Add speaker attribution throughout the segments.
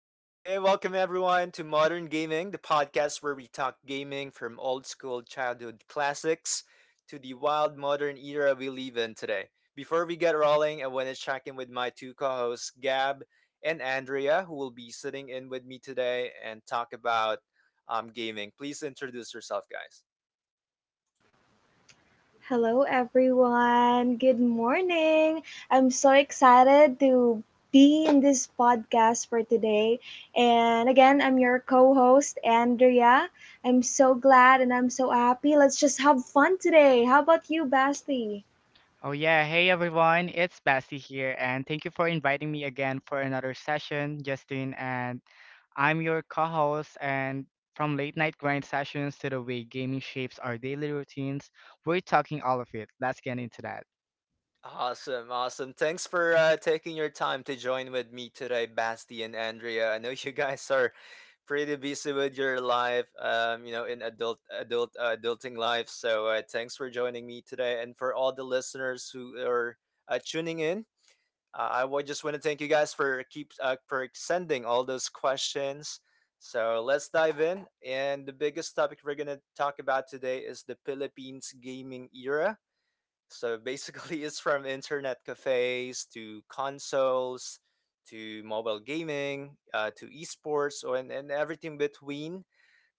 Speaker 1: Hey, hey, hey, welcome everyone to Modern Gaming, the podcast where we talk gaming from old school childhood classics to the wild modern era we live in today. Before we get rolling, I want to check in with my two co hosts, Gab and Andrea, who will be sitting in with me today and talk about gaming. Please introduce yourself, guys.
Speaker 2: Hello, everyone. Good morning. I'm so excited to be in this podcast for today. And again, I'm your co host, Andrea. I'm so glad and I'm so happy. Let's just have fun today. How about you, Basti?
Speaker 3: Oh yeah, hey everyone, it's Basti here and thank you for inviting me again for another session, Justin. And I'm your co-host, and from late night grind sessions to the way gaming shapes our daily routines, we're talking all of it. Let's get into that.
Speaker 1: Awesome, awesome. Thanks for taking your time to join with me today, Basti and Andrea. I know you guys are pretty busy with your life, in adulting life. So thanks for joining me today, and for all the listeners who are tuning in. I would just want to thank you guys for keep for sending all those questions. So let's dive in, and the biggest topic we're gonna talk about today is the Philippines gaming era, so basically, it's from internet cafes to consoles to mobile gaming to esports, and everything between.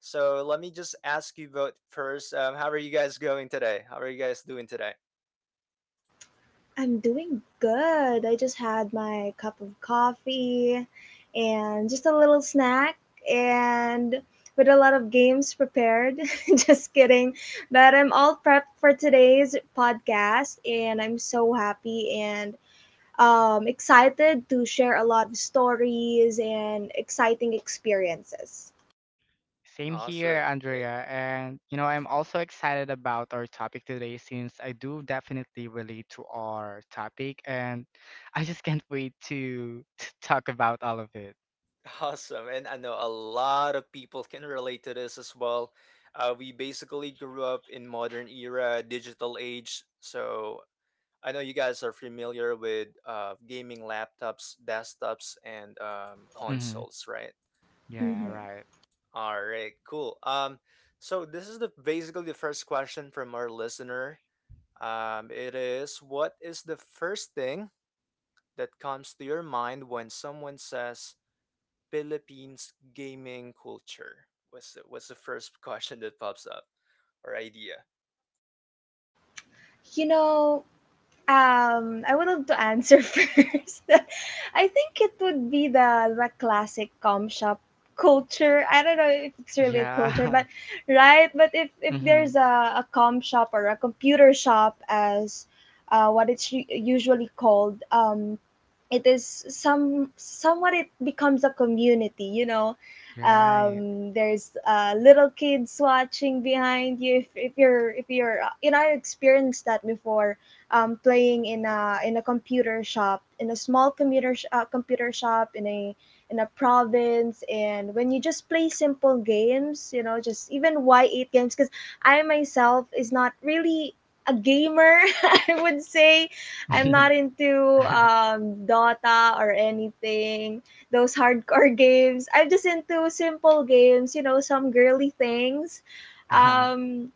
Speaker 1: So let me just ask you both first. How are you guys going today? How are you guys doing today?
Speaker 2: I'm doing good. I just had my cup of coffee and just a little snack and with a lot of games prepared. Just kidding. But I'm all prepped for today's podcast and I'm so happy and excited to share a lot of stories and exciting experiences.
Speaker 3: Same here,
Speaker 1: Awesome. Great.
Speaker 3: Andrea, and I'm also excited about our topic today since I do definitely relate to our topic, and I just can't wait to talk about all of it.
Speaker 1: Awesome. And I know a lot of people can relate to this as well. We basically grew up in modern era, digital age. So I know you guys are familiar with gaming laptops, desktops, and
Speaker 3: Mhm.
Speaker 1: consoles, right?
Speaker 3: Yeah,
Speaker 2: Mhm.
Speaker 3: right.
Speaker 1: All right, cool. So this is the basically the first question from our listener. It is, what is the first thing that comes to your mind when someone says Philippines gaming culture? What's the first question that pops up, or idea?
Speaker 2: You know, I would love to answer first. I think it would be the classic com shop culture. I don't know if it's really a culture,
Speaker 3: Yeah.
Speaker 2: but right. But if
Speaker 3: Mm-hmm.
Speaker 2: there's a com shop or a computer shop as what it's usually called, it is somewhat it becomes a community, you know,
Speaker 3: Right.
Speaker 2: there's little kids watching behind you if, you're if you're you know, I experienced that before, playing in a computer shop in a small computer computer shop in a province, and when you just play simple games, you know, just even y8 games, because I myself is not really a gamer. I would say I'm not into Dota or anything, those hardcore games. I'm just into simple games, you know, some girly things.
Speaker 3: Uh-huh.
Speaker 2: Um,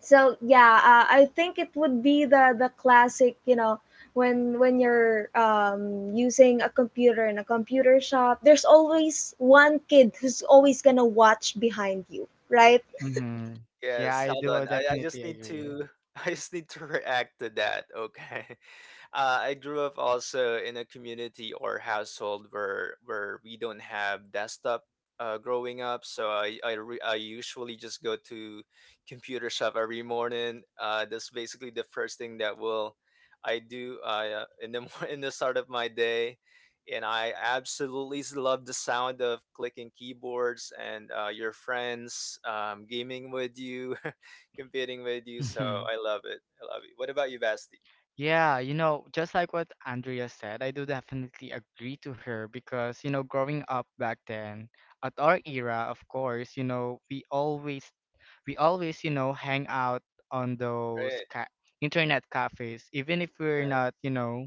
Speaker 2: so yeah, I think it would be the classic, you know, when you're using a computer in a computer shop, there's always one kid who's always gonna watch behind you, right?
Speaker 3: Mm-hmm. Yeah,
Speaker 1: Yes,
Speaker 3: I
Speaker 1: hold
Speaker 3: do
Speaker 1: on. I
Speaker 3: definitely
Speaker 1: just need
Speaker 3: agree.
Speaker 1: to I just need to react to that. Okay. I grew up also in a community or household where we don't have desktop growing up, so I usually just go to computer shop every morning. That's basically the first thing that will I do in the start of my day, and I absolutely love the sound of clicking keyboards and your friends gaming with you, competing with you. So
Speaker 3: Mm-hmm.
Speaker 1: I love it. I love it. What about you, Basti?
Speaker 3: Yeah, just like what Andrea said, I do definitely agree to her because, growing up back then, at our era, of course, we always, hang out on those
Speaker 1: Right.
Speaker 3: ca internet cafes, even if we're not,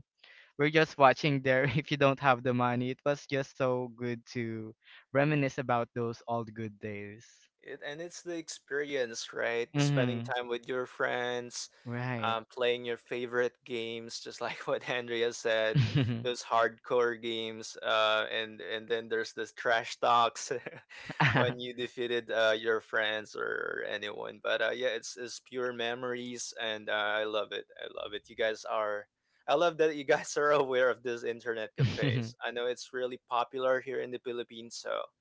Speaker 3: we're just watching there if you don't have the money. It was just so good to reminisce about those old good days.
Speaker 1: And it's the experience, right? Spending
Speaker 3: Mm-hmm.
Speaker 1: time with your friends,
Speaker 3: Right.
Speaker 1: playing your favorite games, just like what Andrea said, those hardcore games. And then there's this trash talks when you defeated your friends or anyone. But, yeah, it's pure memories, and I love it. I love it. You guys are. I love that you guys are aware of these internet cafes. I know it's really popular here in the Philippines, so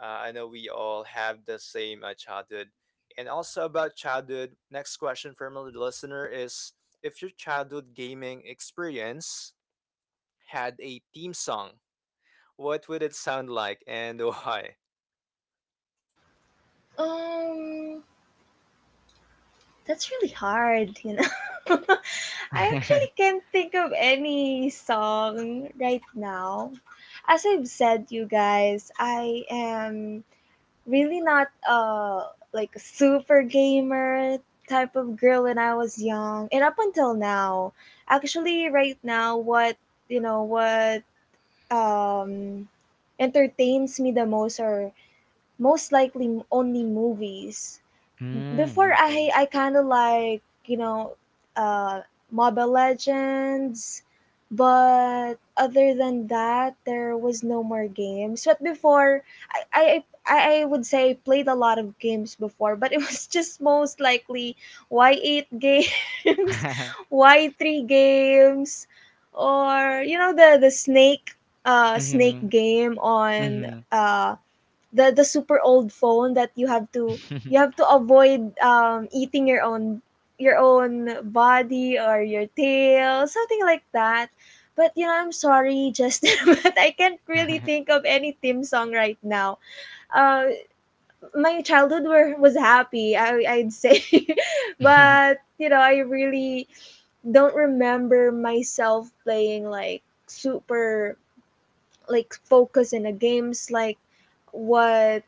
Speaker 1: I know we all have the same childhood. And also about childhood, next question from a listener is, if your childhood gaming experience had a theme song, what would it sound like and why?
Speaker 2: Um, that's really hard, you know. I actually can't think of any song right now. As I've said, you guys, I am really not like a super gamer type of girl when I was young and up until now. Actually right now what you know what um entertains me the most are most likely only movies. Before I
Speaker 3: Okay.
Speaker 2: I kind of like, you know, uh, Mobile Legends, but other than that, there was no more games. But before, I would say I played a lot of games before, but it was just most likely Y eight games, Y three games, or you know the snake snake
Speaker 3: Mm-hmm.
Speaker 2: game on
Speaker 3: Mm-hmm.
Speaker 2: uh the super old phone that you have to avoid eating your own body or your tail, something like that. But you know, I'm sorry, Justin, but I can't really think of any theme song right now. uh, my childhood were, was happy, I, I'd say. But you know, I really don't remember myself playing like super like focus in a games like what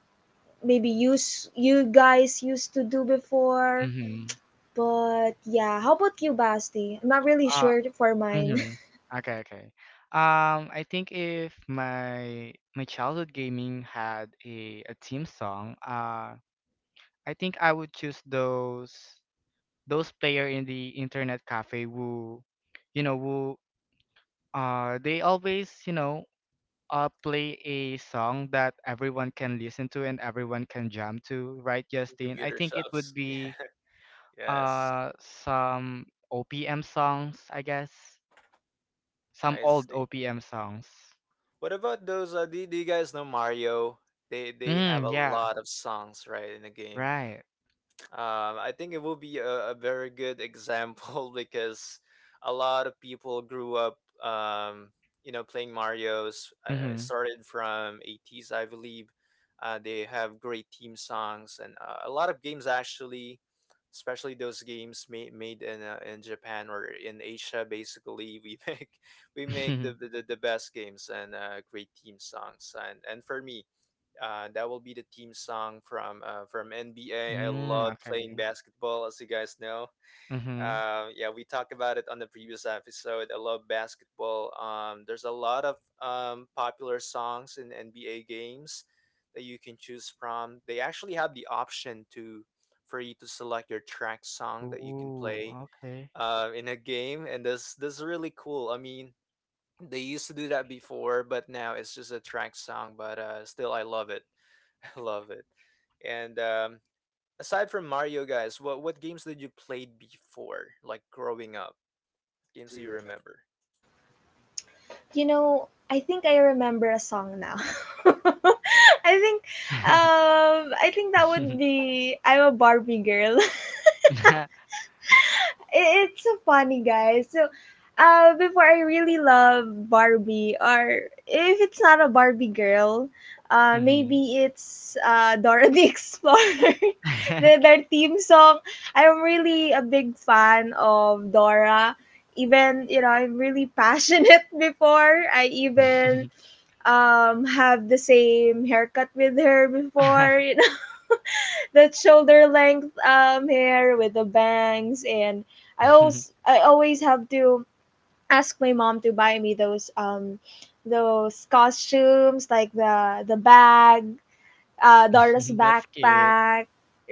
Speaker 2: maybe use you guys used to do before.
Speaker 3: Mm-hmm.
Speaker 2: But yeah, how about you, Basti? I'm not really
Speaker 3: Uh,
Speaker 2: sure for mine.
Speaker 3: mm-hmm. Okay, okay. I think if my childhood gaming had a theme song, I think I would choose those player in the internet cafe, who who they always play a song that everyone can listen to and everyone can jam to. Right, Justin? I
Speaker 1: Computer
Speaker 3: think it would
Speaker 1: shops.
Speaker 3: be
Speaker 1: Yes,
Speaker 3: some OPM songs, I guess. Some
Speaker 1: I
Speaker 3: old
Speaker 1: see.
Speaker 3: OPM songs.
Speaker 1: What about those? Do you guys know Mario? They have a
Speaker 3: Yeah,
Speaker 1: lot of songs, right, in the game.
Speaker 3: right.
Speaker 1: I think it will be a very good example because a lot of people grew up, um, playing Mario's. It
Speaker 3: Mhm.
Speaker 1: started from 80s, I believe. They have great theme songs and a lot of games actually, especially those games made in Japan or in Asia. Basically, we make the the, the the best games and great theme songs. And for me, that will be the team song from from NBA. I love playing
Speaker 3: Okay.
Speaker 1: basketball, as you guys know.
Speaker 3: Mhm.
Speaker 1: Yeah, we talked about it on the previous episode. I love basketball. There's a lot of popular songs in NBA games that you can choose from. They actually have the option to for you to select your track song that you can
Speaker 3: Ooh,
Speaker 1: play
Speaker 3: okay.
Speaker 1: in a game, and this is really cool. I mean, they used to do that before, but now it's just a track song. But, still, I love it. I love it. And aside from Mario, guys, what games did you play before, like growing up? Games do you remember?
Speaker 2: You know, I think I remember a song now. I think, I think that would be "I'm a Barbie Girl." It's so funny, guys. So, before I really love Barbie, or if it's not a Barbie girl,
Speaker 3: Mhm.
Speaker 2: maybe it's Dora the Explorer, the, their theme song. I'm really a big fan of Dora. Even, you know, I'm really passionate before. I even have the same haircut with her before, that shoulder length hair with the bangs, and I always have to ask my mom to buy me those costumes, like the bag, Dora's
Speaker 3: That's cute.
Speaker 2: backpack,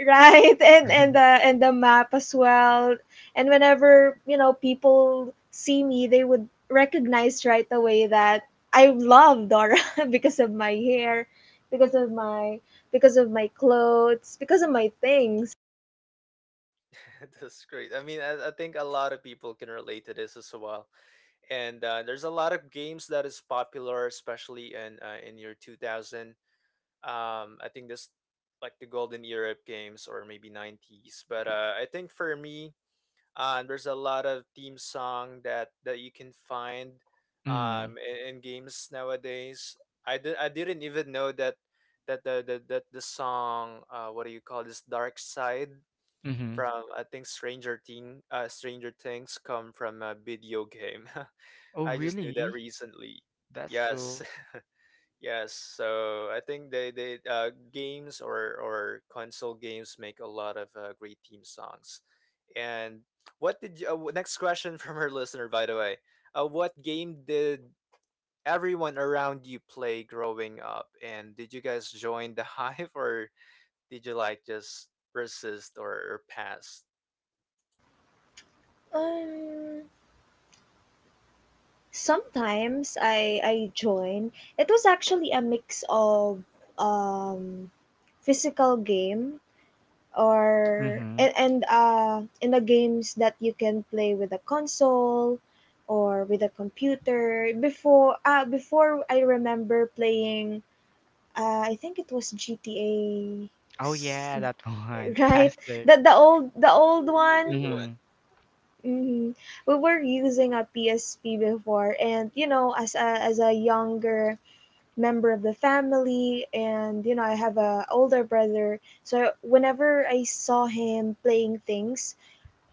Speaker 2: right? And the, and the map as well. And whenever you know people see me, they would recognize right away that I love Dora because of my hair, because of my clothes, because of my things.
Speaker 1: That's great. I mean, I think a lot of people can relate to this as well. And there's a lot of games that is popular, especially in year 2000. I think this like the golden era of games, or maybe 90s. But I think for me, there's a lot of theme song that you can find
Speaker 3: Mm.
Speaker 1: in games nowadays. I didn't even know that the song, what do you call this, Dark Side,
Speaker 3: Mm-hmm.
Speaker 1: from I think Stranger Things, come from a video game.
Speaker 3: Oh,
Speaker 1: I just knew that
Speaker 3: really?
Speaker 1: recently.
Speaker 3: That's
Speaker 1: Yes.
Speaker 3: cool.
Speaker 1: Yes, so I think they games or console games make a lot of great theme songs. And what did you? Next question from our listener, by the way. What game did everyone around you play growing up? And did you guys join the hive, or did you like just resist or pass?
Speaker 2: Um, Sometimes I join. It was actually a mix of um physical game or
Speaker 3: Mm-hmm.
Speaker 2: and, in the games that you can play with a console or with a computer before. Before I remember playing I think it was GTA,
Speaker 3: Oh yeah, that one.
Speaker 2: right?
Speaker 3: Classic.
Speaker 2: That the old one.
Speaker 1: You would.
Speaker 3: Mm-hmm.
Speaker 2: Hmm, we were using a PSP before, and you know, as a younger member of the family, and you know, I have a older brother, so whenever I saw him playing things,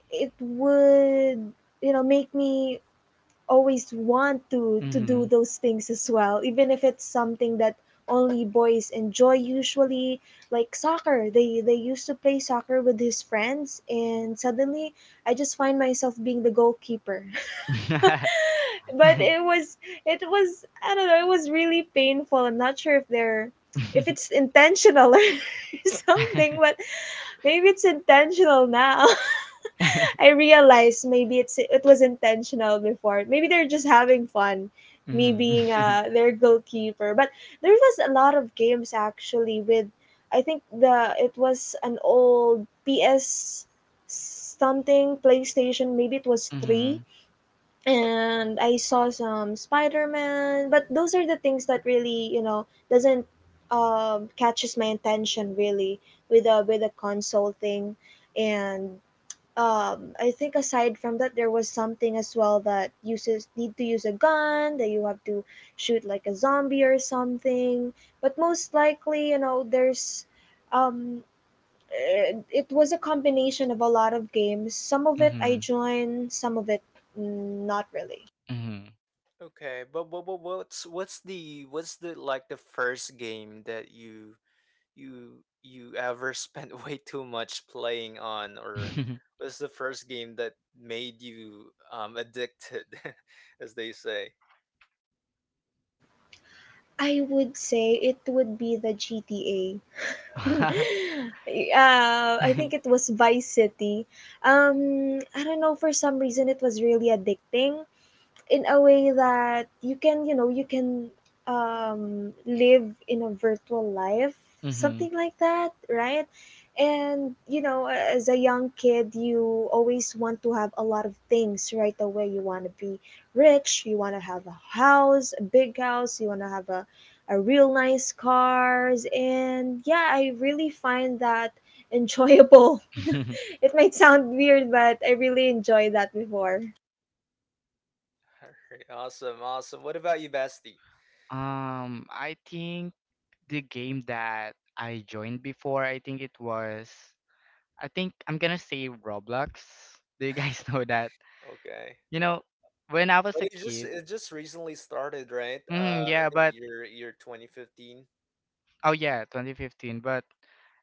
Speaker 2: it would, you know, make me always want to do
Speaker 3: Mm-hmm.
Speaker 2: those things as well, even if it's something that only boys enjoy usually, like soccer. They used to play soccer with his friends, and suddenly I just find myself being the goalkeeper. But it was, I don't know, it was really painful. I'm not sure if they're if it's intentional or something, but maybe it's intentional now. I realize maybe it was intentional before. Maybe they're just having fun, me being
Speaker 3: Mm-hmm.
Speaker 2: their goalkeeper. But there was a lot of games actually with, I think the, it was an old PS something PlayStation, maybe it was 3,
Speaker 3: Mm-hmm.
Speaker 2: and I saw some Spider-Man, but those are the things that really, you know, doesn't catches my attention really with a console thing, and I think aside from that, there was something as well that uses need to use a gun that you have to shoot like a zombie or something, but most likely, you know, there's um it was a combination of a lot of games. Some of it I
Speaker 3: Mm-hmm.
Speaker 2: joined, some of it not really.
Speaker 3: Mm-hmm.
Speaker 1: Okay, but what's the like the first game that you ever spent way too much playing on, or was the first game that made you addicted as they say.
Speaker 2: I would say it would be the GTA. I think it was Vice City. I don't know. For some reason, it was really addicting in a way that you can, you know, you can live in a virtual life,
Speaker 3: Mm-hmm.
Speaker 2: something like that, right? And you know, as a young kid, you always want to have a lot of things right away. You want to be rich, you want to have a house, a big house, you want to have a, real nice cars, and yeah, I really find that enjoyable. It might sound weird, but I really enjoy that before.
Speaker 1: All right, awesome, awesome. What about you, Basti?
Speaker 3: I think the game that I joined before, I think it was, I think I'm gonna say Roblox. Do you guys know that?
Speaker 1: Okay,
Speaker 3: You know, when I was
Speaker 1: but
Speaker 3: a
Speaker 1: it just
Speaker 3: kid,
Speaker 1: it just recently started, right? I
Speaker 3: yeah,
Speaker 1: think
Speaker 3: but
Speaker 1: year 2015.
Speaker 3: oh yeah, 2015. But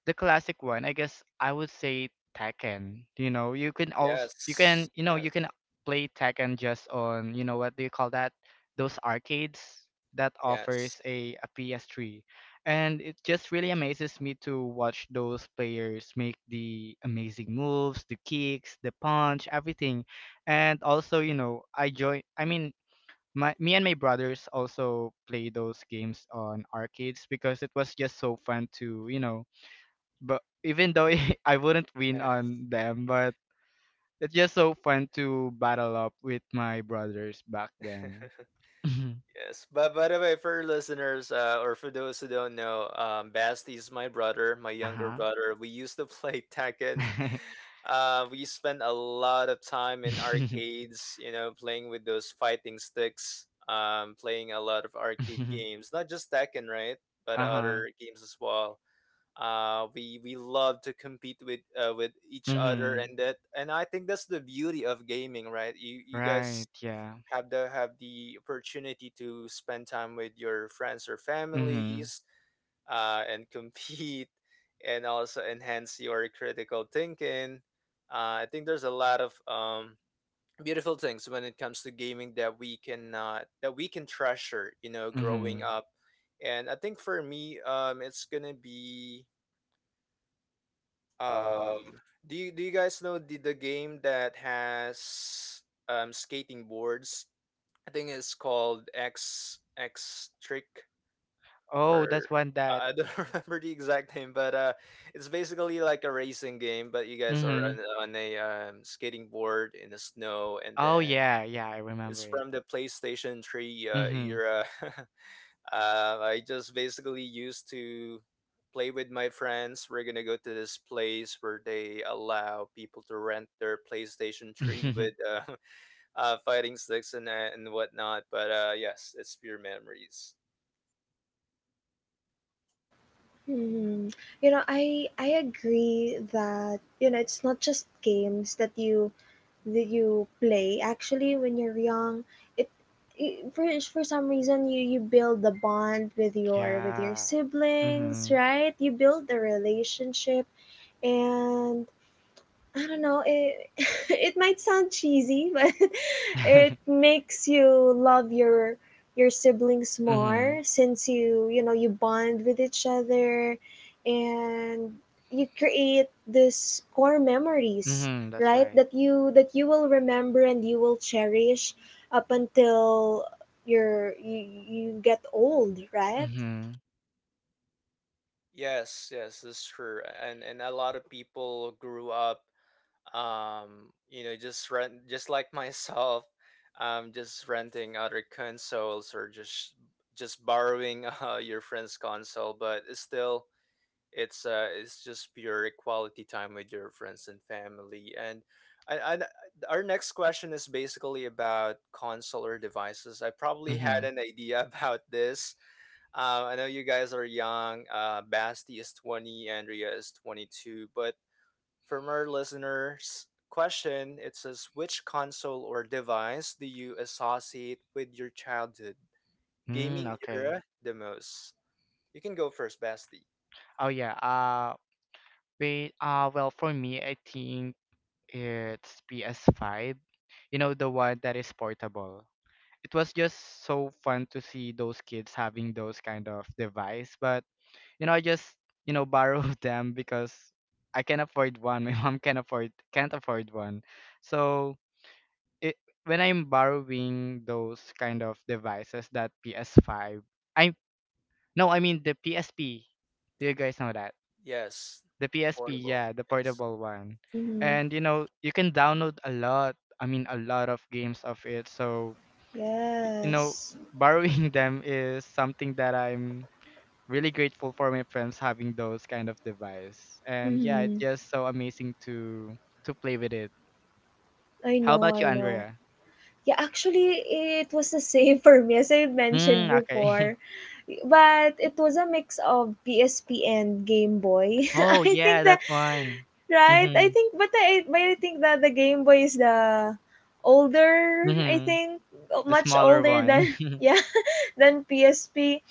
Speaker 3: the classic one, I guess I would say Tekken. You can also
Speaker 1: Yes, yes,
Speaker 3: you can play Tekken just on, what do you call that? Those arcades that
Speaker 1: yes,
Speaker 3: offers a PS3. And it just really amazes me to watch those players make the amazing moves, the kicks, the punch, everything. And also, I mean my me and my brothers also play those games on arcades because it was just so fun to, but even though I wouldn't win
Speaker 1: yes.
Speaker 3: on them, but it's just so fun to battle up with my brothers back then. Mhm.
Speaker 1: Yes, but by the way, for listeners or for those who don't know, Basti is my brother, my younger
Speaker 3: Uh-huh.
Speaker 1: brother. We used to play Tekken. We spent a lot of time in arcades, playing with those fighting sticks, playing a lot of arcade games, not just Tekken, right? But
Speaker 3: Uh-huh.
Speaker 1: other games as well. We love to compete with with each other,
Speaker 3: Mm-hmm.
Speaker 1: and that and I think that's the beauty of gaming, right? You guys
Speaker 3: Right. Yeah.
Speaker 1: have the opportunity to spend time with your friends or
Speaker 3: Mm-hmm.
Speaker 1: families and compete, and also enhance your critical thinking. I think there's a lot of beautiful things when it comes to gaming that we can treasure, growing
Speaker 3: Mm-hmm.
Speaker 1: up. And I think for me, it's gonna be, um, do you guys know the game that has skating boards? I think it's called X X Trick,
Speaker 3: Oh,
Speaker 1: or
Speaker 3: that's one that.
Speaker 1: I don't remember the exact name, but it's basically like a racing game. But you guys are
Speaker 3: Mm-hmm.
Speaker 1: on a skating board in the snow, and
Speaker 3: Oh
Speaker 1: then
Speaker 3: yeah, yeah, I remember
Speaker 1: it's
Speaker 3: it.
Speaker 1: from the PlayStation 3
Speaker 3: Mm-hmm.
Speaker 1: era. I just basically used to play with my friends. We're gonna go to this place where they allow people to rent their PlayStation 3 with fighting sticks and that and whatnot. But, yes, it's pure memories.
Speaker 2: Mhm. You know, I agree that you know it's not just games that you play. Actually, when you're young, it, for some reason you build a bond with your
Speaker 3: Yeah.
Speaker 2: siblings,
Speaker 3: Mm-hmm.
Speaker 2: right? You build a relationship, and I don't know. It it might sound cheesy, but it makes you love your siblings more,
Speaker 3: Mhm.
Speaker 2: since you know you bond with each other, and you create this core memories,
Speaker 3: Mhm, that's
Speaker 2: right?
Speaker 3: right.
Speaker 2: That you will remember and you will cherish up until you're you get old, right?
Speaker 3: Mhm.
Speaker 1: Yes, yes, it's true. And a lot of people grew up, just like myself, just renting other consoles, or just borrowing your friend's console. But it's still, it's just pure quality time with your friends and family. And I, I, our next question is basically about console or devices. I probably had
Speaker 3: Mhm.
Speaker 1: an idea about this. I know you guys are young. Basti is 20, Andrea is 22. But from our listeners' question, it says, which console or device do you associate with your childhood gaming
Speaker 3: Okay.
Speaker 1: era the most? You can go first, Basti.
Speaker 3: Oh yeah. Well, for me, I think it's PS5. You know the one that is portable. It was just so fun to see those kids having those kind of device, but I just, borrow them because I can afford one. My mom can't afford one. So it, when I'm borrowing those kind of devices, that PS5, I no I mean the PSP. Do you guys know that?
Speaker 1: Yes,
Speaker 3: The PSP,
Speaker 1: portable.
Speaker 3: yeah, the
Speaker 1: Yes.
Speaker 3: portable one.
Speaker 2: Mm-hmm.
Speaker 3: And you can download a lot I mean a lot of games of it. So y- you know
Speaker 2: Yes.
Speaker 3: borrowing them is something that I'm really grateful for. My friends having those kind of device, and yeah, it's
Speaker 2: Mm-hmm.
Speaker 3: just so amazing to play with it.
Speaker 2: I
Speaker 3: How
Speaker 2: know.
Speaker 3: about you,
Speaker 2: I know.
Speaker 3: Andrea?
Speaker 2: Yeah, actually, it was the same for me, as I mentioned
Speaker 3: Okay.
Speaker 2: before, but it was a mix of PSP and Game Boy.
Speaker 3: Oh,
Speaker 2: I
Speaker 3: yeah,
Speaker 2: think that
Speaker 3: that one.
Speaker 2: right. I
Speaker 3: Mhm,
Speaker 2: think, but I think that the Game Boy is the older. I
Speaker 3: mhm.
Speaker 2: think
Speaker 3: The
Speaker 2: much
Speaker 3: smaller
Speaker 2: older
Speaker 3: one.
Speaker 2: than yeah than PSP,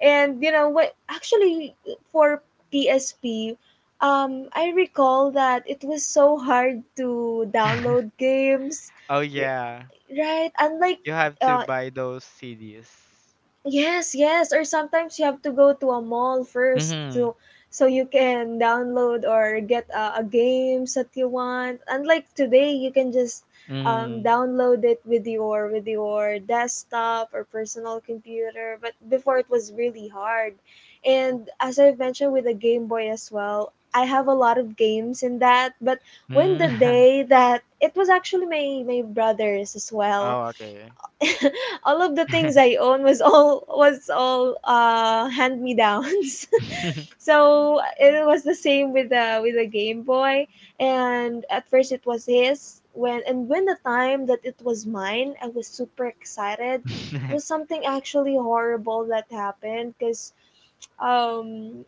Speaker 2: and you know what? Actually, for PSP. I recall that it was so hard to download games,
Speaker 3: Oh, yeah.
Speaker 2: right, unlike
Speaker 3: You have to
Speaker 2: uh
Speaker 3: buy those CDs.
Speaker 2: yes, yes, or sometimes you have to go to a mall first
Speaker 3: Mhm,
Speaker 2: to so you can download or get a games that you want. Unlike today, you can just
Speaker 3: mhm.
Speaker 2: download it with your desktop or personal computer. But before it was really hard, and as I've mentioned with the Game Boy as well, I have a lot of games in that. But when the
Speaker 3: Mm.
Speaker 2: day that it was actually my brothers as well,
Speaker 3: Oh, okay.
Speaker 2: all of the things I own was all hand me downs. So it was the same with the Game Boy. And at first it was his. When, and when the time that it was mine, I was super excited. It was something actually horrible that happened because um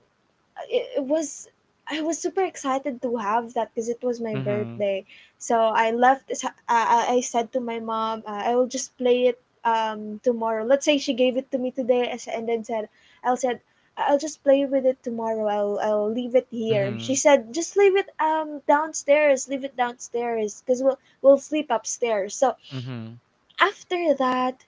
Speaker 2: it, was I was super excited to have that because it was my
Speaker 3: Mhm,
Speaker 2: birthday. So I left. I said to my mom, I will just play it tomorrow. Let's say she gave it to me today, and then said I'll just play with it tomorrow. I'll leave it here." She
Speaker 3: mhm,
Speaker 2: said, "Just leave it downstairs. Leave it downstairs because we'll sleep upstairs." So
Speaker 3: mhm.
Speaker 2: after that,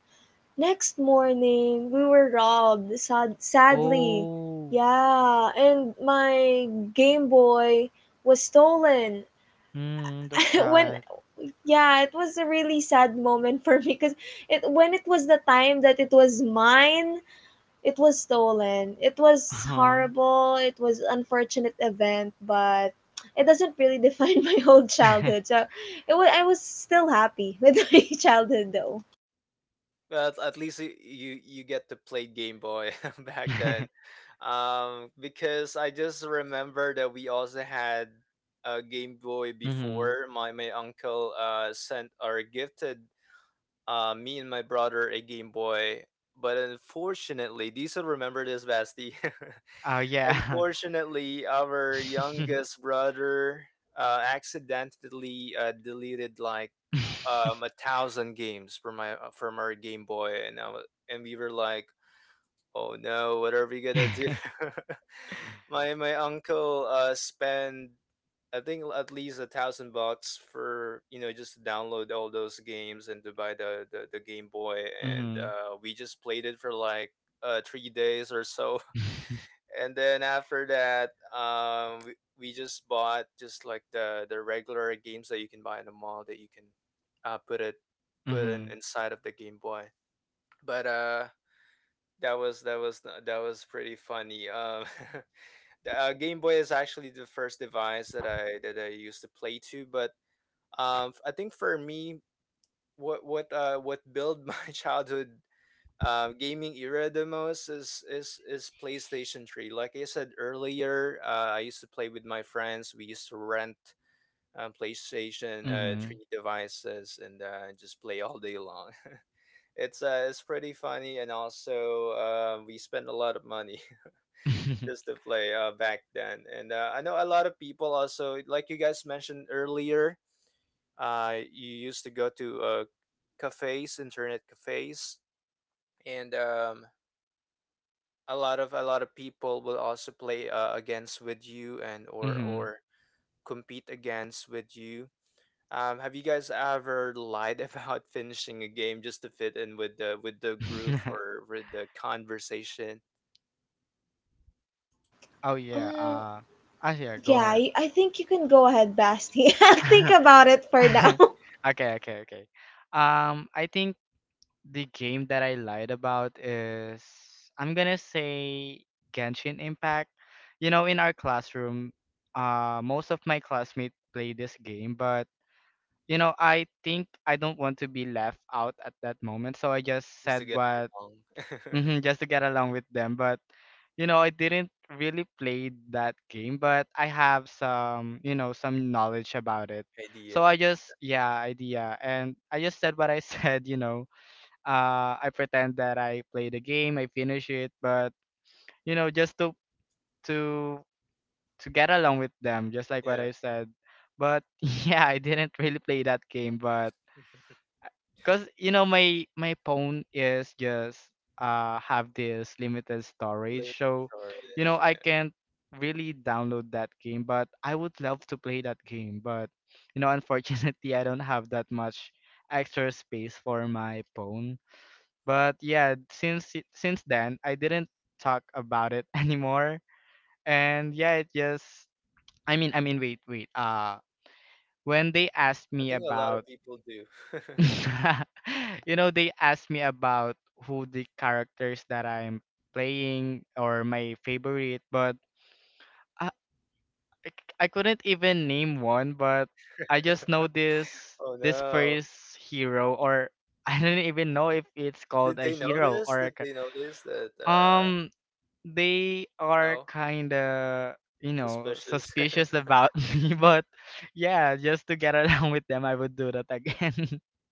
Speaker 2: next morning, we were robbed, sadly.
Speaker 3: Oh,
Speaker 2: Yeah, and my Game Boy was stolen.
Speaker 3: that's
Speaker 2: When,
Speaker 3: sad.
Speaker 2: yeah, it was a really sad moment for me because it when it was the time that it was mine, it was stolen. It was
Speaker 3: Uh-huh.
Speaker 2: horrible. It was unfortunate event, but it doesn't really define my whole childhood. So, I was still happy with my childhood though.
Speaker 1: But at least you get to play Game Boy back then, because I just remember that we also had a Game Boy
Speaker 3: Mm-hmm.
Speaker 1: before. My uncle sent or gifted me and my brother a Game Boy, but unfortunately, do you still remember this, Basti?
Speaker 3: Oh, yeah.
Speaker 1: Unfortunately, our youngest brother accidentally deleted, like, 1,000 games for my from our Game Boy, and we were like, oh no, what are we gonna do? My uncle spent, I think, at least 1,000 bucks, for just to download all those games and to buy the Game Boy, and
Speaker 3: Mm-hmm.
Speaker 1: we just played it for like 3 days or so. And then after that, we just bought just like the regular games that you can buy in the mall, that you can uh put it put in
Speaker 3: Mm-hmm.
Speaker 1: inside of the Game Boy. But that was that was pretty funny. The, Game Boy is actually the first device that I used to play to. But I think for me, what built my childhood gaming era the most is PlayStation 3. Like I said earlier, I used to play with my friends. We used to rent PlayStation
Speaker 3: Mm-hmm.
Speaker 1: 3 devices and just play all day long. It's pretty funny, and also we spend a lot of money just to play, back then. And I know a lot of people also, like you guys mentioned earlier, you used to go to cafes, internet cafes, and a lot of people will also play against with you and or
Speaker 3: Mm-hmm.
Speaker 1: or compete against with you. Have you guys ever lied about finishing a game just to fit in with the group or with the conversation,
Speaker 3: Oh yeah.
Speaker 2: Uh,
Speaker 3: Yeah. Go ahead.
Speaker 2: I think you can go ahead, Basti. I'll think about it for now.
Speaker 3: Okay, okay, okay. I think the game that I lied about is, I'm gonna say, Genshin Impact. In our classroom, most of my classmates play this game, but I think I don't want to be left out at that moment, so I just
Speaker 1: just to
Speaker 3: said
Speaker 1: get
Speaker 3: what,
Speaker 1: along?
Speaker 3: hmm, just to get along with them. But I didn't really play that game, but I have some, some knowledge about it. So I
Speaker 1: Idea,
Speaker 3: just, yeah, idea, and I just said what I said. I pretend that I play the game, I finish it, but just to to get along with them, just like what
Speaker 1: yeah.
Speaker 3: I said. But yeah, I didn't really play that game, but, cause my phone is just have this limited storage,
Speaker 1: Limit
Speaker 3: so
Speaker 1: storage,
Speaker 3: I
Speaker 1: yeah.
Speaker 3: can't really download that game, but I would love to play that game, but unfortunately I don't have that much extra space for my phone. But yeah, since then I didn't talk about it anymore, and yeah, it just, I mean, I mean, wait wait when they asked
Speaker 1: I
Speaker 3: me
Speaker 1: think a lot
Speaker 3: about
Speaker 1: of people do.
Speaker 3: they asked me about who the characters that I'm playing or my favorite. But I, I couldn't even name one, but I just know this
Speaker 1: Oh no!
Speaker 3: first hero. Or I don't even know if it's called
Speaker 1: Did
Speaker 3: a
Speaker 1: they
Speaker 3: hero
Speaker 1: notice?
Speaker 3: or a
Speaker 1: Did they notice that?
Speaker 3: um they are
Speaker 1: No,
Speaker 3: kind of,
Speaker 1: suspicious.
Speaker 3: suspicious about me. But yeah, just to get along with them, I would do that again.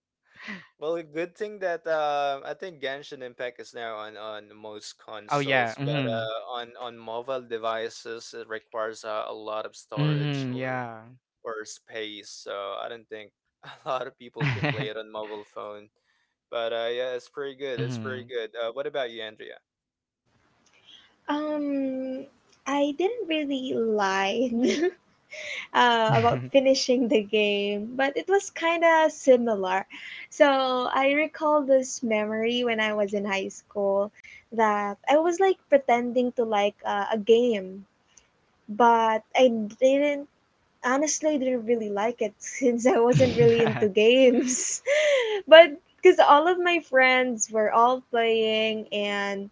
Speaker 1: Well, a good thing that, I think Genshin Impact is now on most
Speaker 3: Oh yeah.
Speaker 1: consoles, but
Speaker 3: Mhm,
Speaker 1: on mobile devices it requires a lot of storage
Speaker 3: mhm.
Speaker 1: or
Speaker 3: Yeah.
Speaker 1: or space. So I don't think a lot of people can play it on mobile phone. But yeah, it's pretty good. It's pretty
Speaker 3: Mhm.
Speaker 1: good. What about you, Andrea?
Speaker 2: Um, I didn't really lie about finishing the game, but it was kind of similar. So I recall this memory when I was in high school that I was like pretending to like a game, but I didn't. Honestly, I didn't really like it since I wasn't really into games. But because all of my friends were all playing and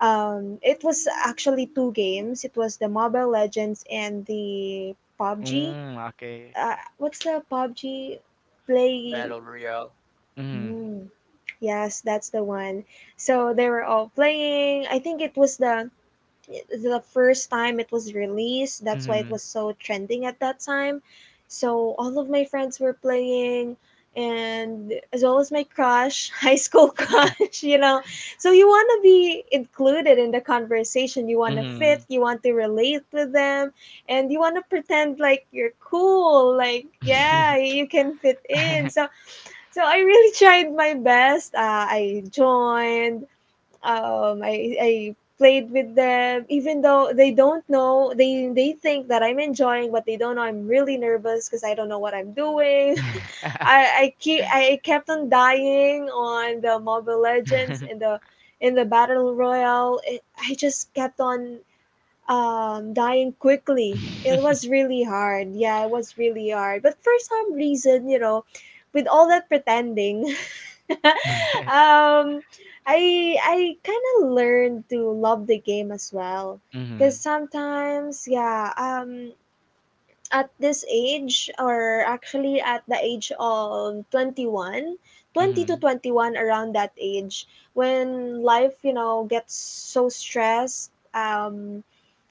Speaker 2: it was actually two games. It was the Mobile Legends and the PUBG.
Speaker 3: Okay.
Speaker 2: What's the PUBG play?
Speaker 1: Battle Royale.
Speaker 3: Mhm,
Speaker 2: Mm, yes, that's the one. So they were all playing. I think it was the first time it was released. That's why it
Speaker 3: mhm.
Speaker 2: was so trending at that time. So all of my friends were playing, and as well as my crush, high school crush. You know, so you want to be included in the conversation. You want to fit.
Speaker 3: Mhm.
Speaker 2: You want to relate with them, and you want to pretend like you're cool. Like, yeah, you can fit in. So so I really tried my best. I joined I played with them even though they don't know. They think that I'm enjoying, but they don't know I'm really nervous because I don't know what I'm doing. I I keep I kept on dying on the Mobile Legends and the in the battle royale. It, I just kept on dying quickly. It was really hard. Yeah, it was really hard. But for some reason, with all that pretending, um, I kind of learned to love the game as well, because
Speaker 3: Mhm,
Speaker 2: sometimes, yeah, at this age, or actually at the age of 21, 20 to
Speaker 3: mhm,
Speaker 2: 21, around that age, when life, gets so stressed,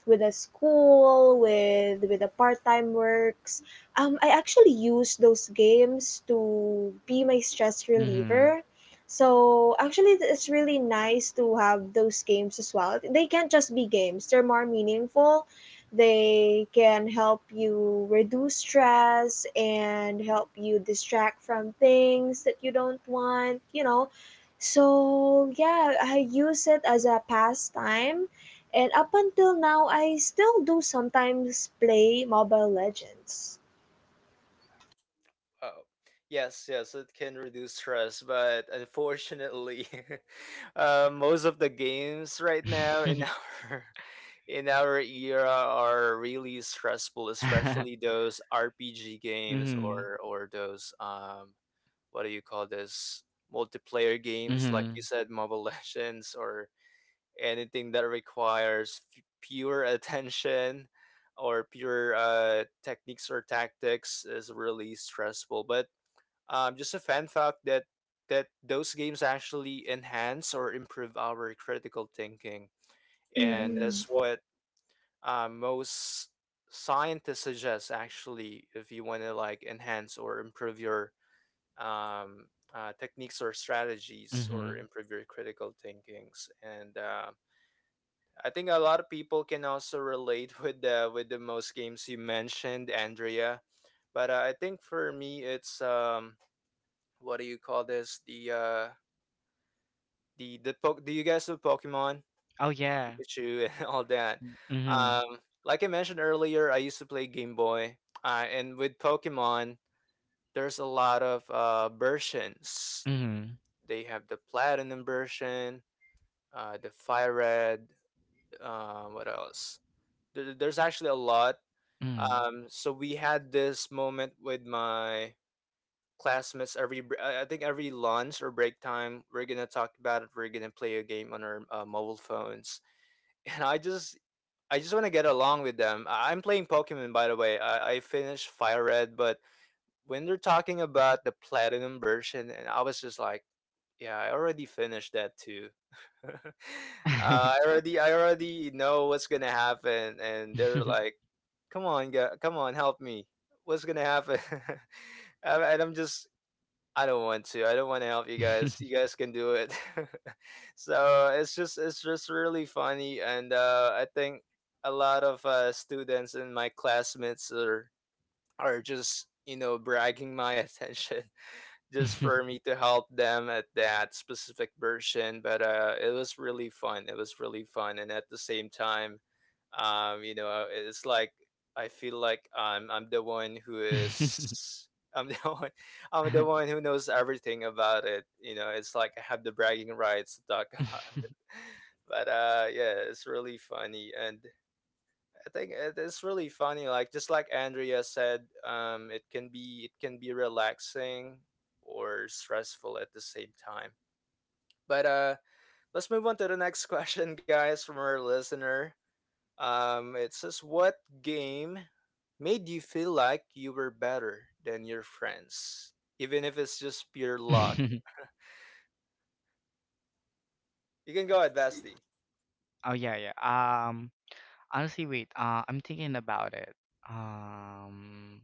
Speaker 2: with a school with the part-time works, I actually use those games to be my stress
Speaker 3: mhm.
Speaker 2: reliever. So actually it's really nice to have those games as well. They can't just be games. They're more meaningful. They can help you reduce stress and help you distract from things that you don't want, so yeah, I use it as a pastime, and up until now, I still do sometimes play Mobile Legends.
Speaker 1: Oh, yes, yes, it can reduce stress, but unfortunately, most of the games right now in our in our era are really stressful, especially those RPG games
Speaker 3: Mhm,
Speaker 1: or those, what do you call this, multiplayer games like you
Speaker 3: mhm,
Speaker 1: said, Mobile Legends, or anything that requires pure attention or pure techniques or tactics is really stressful. But just a fan fact that those games actually enhance or improve our critical thinking, and that's
Speaker 2: What?
Speaker 1: what, most scientists suggest, actually, if you want to like enhance or improve your, um, techniques or strategies or
Speaker 3: mhm.
Speaker 1: improve your critical thinkings. And I think a lot of people can also relate with the most games you mentioned, Andrea. But I think for me it's, what do you call this, do you guys know Pokemon,
Speaker 3: Oh, yeah.
Speaker 1: Pikachu, and all that?
Speaker 3: Mhm,
Speaker 1: Um, like I mentioned earlier, I used to play Game Boy, and with Pokemon, there's a lot of versions.
Speaker 3: mhm,
Speaker 1: They have the Platinum version, the Fire Red. What else? There's actually a lot.
Speaker 3: mhm.
Speaker 1: So we had this moment with my classmates. Every br- I I think every lunch or break time, we're gonna talk about it. We're gonna play a game on our, mobile phones, and I just want to get along with them. I'm playing Pokemon, by the way. I finished Fire Red, but when they're talking about the platinum version, and I was just like, yeah, I already finished that too. uh, I already I already know what's gonna happen, and they're like, come on, come on, help me. What's gonna happen? And I don't want to. I don't want to help you guys. You guys can do it. So it's just really funny, and I think a lot of students and my classmates are just bragging my attention just for me to help them at that specific version. But it was really fun. It was really fun, and at the same time, it's like, I feel like I'm the one I'm the one who knows everything about it. It's like I have the bragging rights to talk about. But yeah, it's really funny, and I think it's really funny, like just like Andrea said, it can be relaxing or stressful at the same time. But let's move on to the next question, guys, from our listener. It says, what game made you feel like you were better than your friends, even if it's just pure luck? You can go ahead, Vasti.
Speaker 3: Oh, yeah, yeah. Um, Honestly, wait. I'm thinking about it. Um,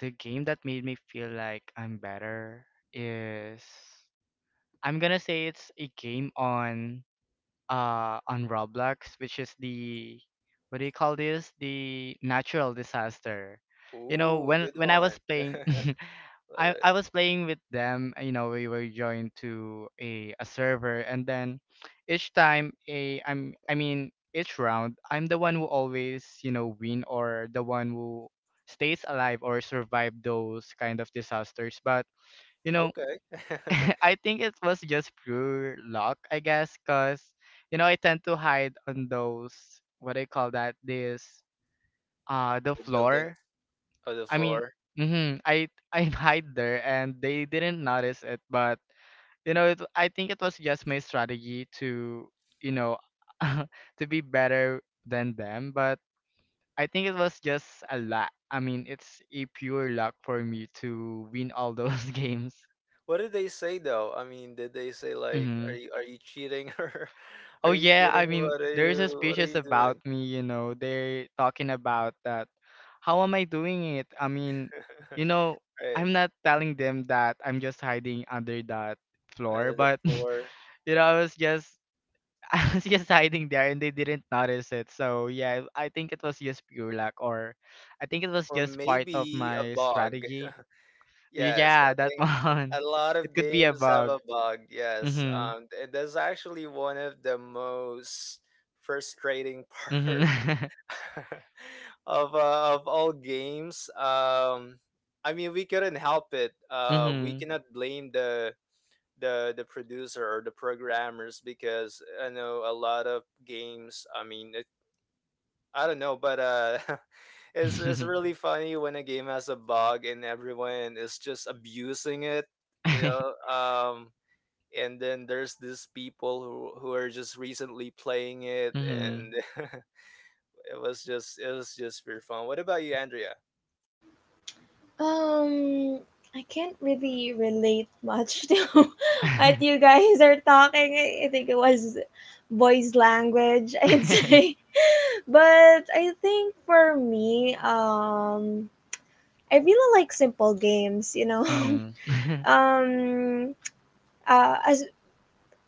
Speaker 3: the game that made me feel like I'm better is, I'm gonna say, it's a game on Roblox, which is the, what do you call this? The natural disaster. You know,
Speaker 1: Ooh,
Speaker 3: when
Speaker 1: good
Speaker 3: when I was
Speaker 1: one.
Speaker 3: playing
Speaker 1: Love
Speaker 3: I
Speaker 1: it.
Speaker 3: was playing with them, we were joined to a server, and then each time a I'm I mean each round I'm the one who always, win or the one who stays alive or survive those kind of disasters. But you know
Speaker 1: Okay. The
Speaker 3: I think it was just pure luck, I guess, because I tend to hide on those, what do you call that? This the
Speaker 1: buildings
Speaker 3: floor.
Speaker 1: or the
Speaker 3: I mean,
Speaker 1: floor.
Speaker 3: mm-hmm, I I hide there and they didn't notice it, but it, I think it was just my strategy to, you know to be better than them, but I think it was just a lot. I mean, it's a pure luck for me to win all those games.
Speaker 1: What did they say though? I mean, did they say like, are
Speaker 3: Mm-hmm.
Speaker 1: you are you cheating or
Speaker 3: Oh
Speaker 1: are you
Speaker 3: yeah,
Speaker 1: cheating?
Speaker 3: I mean,
Speaker 1: What are
Speaker 3: there's a
Speaker 1: you what are
Speaker 3: species
Speaker 1: you
Speaker 3: about
Speaker 1: doing?
Speaker 3: me, they're talking about that. How am I doing it? I mean, you know,
Speaker 1: Right.
Speaker 3: I'm not telling them that I'm just hiding under that floor,
Speaker 1: The
Speaker 3: but
Speaker 1: floor.
Speaker 3: I was just I was just hiding there and they didn't notice it. So yeah, I think it was just pure luck, or I think it was
Speaker 1: Or
Speaker 3: just part of
Speaker 1: maybe a
Speaker 3: my
Speaker 1: bug.
Speaker 3: strategy.
Speaker 1: Yes, I
Speaker 3: Yeah, that
Speaker 1: think a
Speaker 3: one.
Speaker 1: lot
Speaker 3: It
Speaker 1: of
Speaker 3: could be a
Speaker 1: games have
Speaker 3: bug.
Speaker 1: a bug. Yes,
Speaker 3: Mm-hmm.
Speaker 1: that's actually one of the most frustrating part
Speaker 3: Mm-hmm.
Speaker 1: of all games. I mean, we couldn't help it. We cannot blame the producer or the programmers, because I know a lot of games. I mean, it I don't know, but it's
Speaker 3: Mm-hmm.
Speaker 1: really funny when a game has a bug and everyone is just abusing it, you know. And then there's these people who are just recently playing it,
Speaker 3: Mhm.
Speaker 1: and it was just pure fun. What about you, Andrea?
Speaker 2: Um, I can't really relate much to what you guys are talking. I think it was boys' language, I'd
Speaker 3: Mhm.
Speaker 2: say. But I think for me, I really like simple games. You know, um, as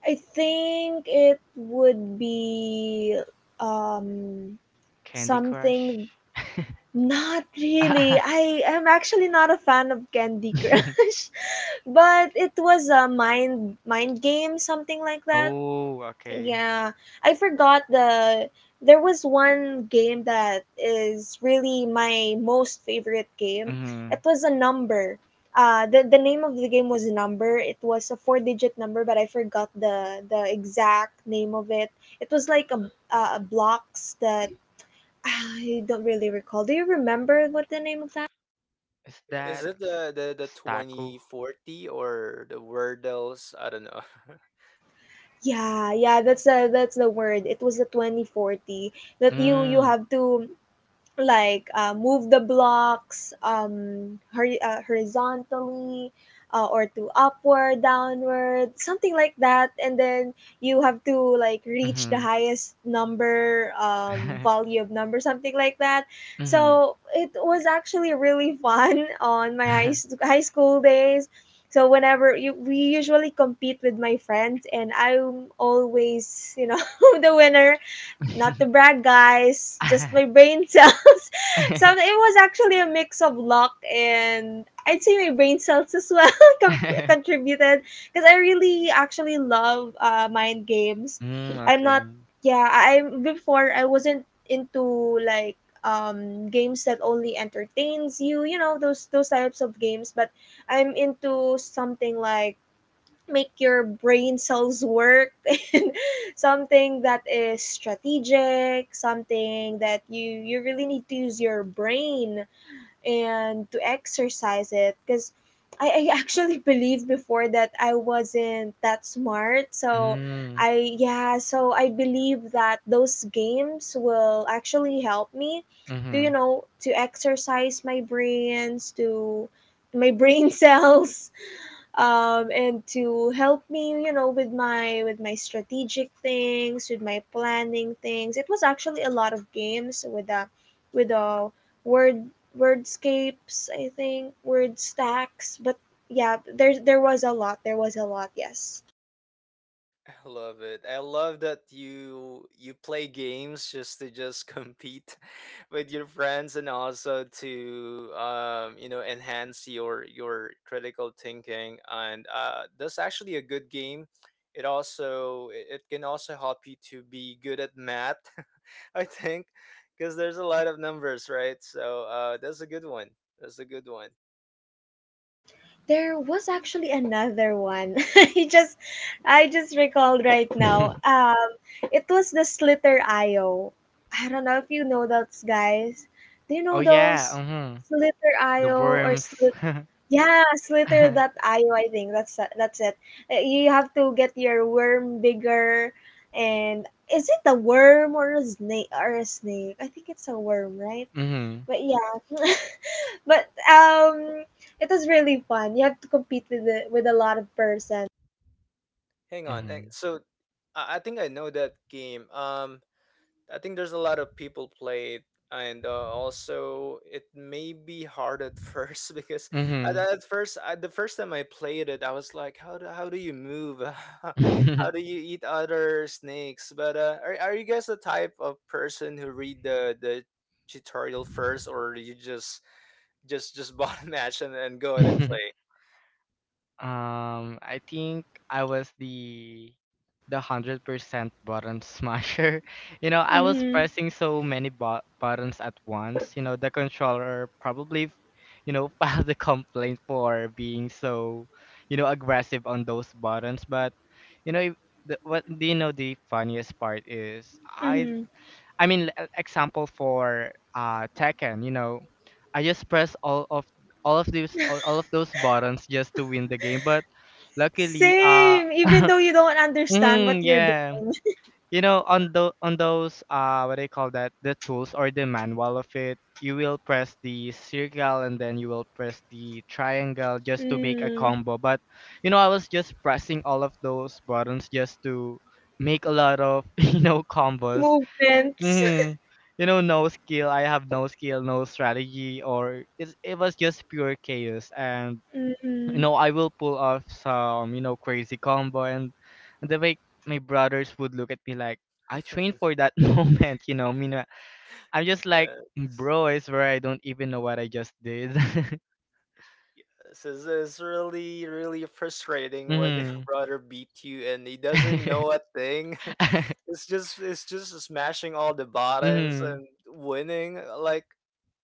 Speaker 2: I think it would be um
Speaker 3: Candy Crush.
Speaker 2: something. Not really. I am actually not a fan of Candy Crush, but it was a mind game, something like that.
Speaker 3: Oh, okay.
Speaker 2: Yeah, I forgot the, there was one game that is really my most favorite game. It
Speaker 3: Mhm.
Speaker 2: was a number. The name of the game was a number. It was a four digit number, but I forgot the exact name of it. It was like a blocks that I don't really recall. Do you remember what the name of that?
Speaker 3: Is that
Speaker 1: Is it the
Speaker 3: Staku?
Speaker 1: 2040 or the Wordles? I don't know.
Speaker 2: Yeah, yeah, that's the word. It was the 2040 that you
Speaker 3: Mm.
Speaker 2: have to like move the blocks horizontally or to upward, downward, something like that. And then you have to like reach the
Speaker 3: Mhm.
Speaker 2: highest number, value of number, something like that.
Speaker 3: Mhm.
Speaker 2: So it was actually really fun on my high school days. So whenever you, we usually compete with my friends, and I'm always, you know, the winner, not to brag, guys, just my brain cells. So it was actually a mix of luck and, I'd say, my brain cells as well, contributed because I really actually love mind games. I'm not,
Speaker 3: Okay.
Speaker 2: yeah, I before I wasn't into like games that only entertains you, you know, those types of games. But I'm into something like make your brain cells work and something that is strategic, something that you really need to use your brain and to exercise it, because I actually believed before that I wasn't that smart, so
Speaker 3: Mm.
Speaker 2: I, yeah, so I believe that those games will actually help me to, you
Speaker 3: Mhm.
Speaker 2: know, to exercise my brain cells, and to help me, you know, with my strategic things, with my planning things. It was actually a lot of games with with uh word, wordscapes, I think, word stacks, but yeah, there was a lot, there was a lot. Yes,
Speaker 1: I love it. I love that you play games just compete with your friends, and also to, enhance your critical thinking. And that's actually a good game. It also it can also help you to be good at math, I think, because there's a lot of numbers, right? So that's a good one. That's a good one.
Speaker 2: there was actually another one. I just recalled right now. Um, it was the Slither IO. I don't know if you know those guys. Do you
Speaker 3: Oh
Speaker 2: know
Speaker 3: yeah,
Speaker 2: those
Speaker 3: mhm.
Speaker 2: Slither
Speaker 3: The
Speaker 2: IO or
Speaker 3: worms.
Speaker 2: Slit yeah, Slither that IO, I think. That's it. You have to get your worm bigger, and is it a worm or a snake, or a snake? I think it's a worm, right?
Speaker 3: Mhm.
Speaker 2: But yeah. But it was really fun. You have to compete with with a lot of person.
Speaker 1: Hang on.
Speaker 3: Mhm.
Speaker 1: So I think I know that game. I think there's a lot of people play it, and also it may be hard at first, because at,
Speaker 3: Mhm.
Speaker 1: at first, the first time I played it, I was like, how do you move? How do you eat other snakes? But are you guys the type of person who read the tutorial first, or you just bought a match and go ahead and play?
Speaker 3: I think I was the 100% button smasher. I was
Speaker 2: Mhm.
Speaker 3: pressing so many buttons at once. The controller probably, filed a complaint for being so, aggressive on those buttons. But, you know, if- what do you know? The funniest part is
Speaker 2: Mhm.
Speaker 3: I mean, example for Tekken, I just press all of all of those buttons just to win the game. But luckily,
Speaker 2: Same. Even though you don't understand what you're
Speaker 3: yeah,
Speaker 2: doing.
Speaker 3: on the, on those what do you call that, the tools or the manual of it, you will press the circle and then you will press the triangle just to make a
Speaker 2: Mm.
Speaker 3: combo. But I was just pressing all of those buttons just to make a lot of combos.
Speaker 2: Movements.
Speaker 3: Hmm. No skill. I have no skill, no strategy, or it's, it was just pure chaos. And
Speaker 2: Mm,
Speaker 3: I will pull off some crazy combo, and the way my brothers would look at me, like I trained for that moment. Meanwhile, I'm just like, bro, it's where I don't even know what I just did.
Speaker 1: Yes, it's really, really frustrating when your
Speaker 3: Mm-hmm.
Speaker 1: brother beat you and he doesn't know a thing. It's just smashing all the buttons
Speaker 3: Mm-hmm.
Speaker 1: and winning. Like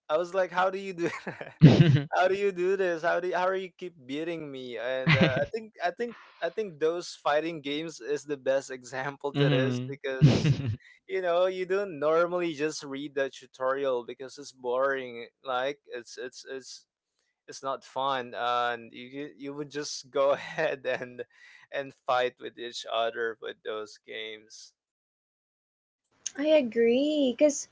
Speaker 1: I was like, how do you do? How do you do this? How are you keep beating me? And I think those fighting games is the best example to this,
Speaker 3: Mm-hmm.
Speaker 1: because you don't normally just read the tutorial because it's boring. Like it's not fun, and you would just go ahead and fight with each other with those games.
Speaker 2: I agree. Because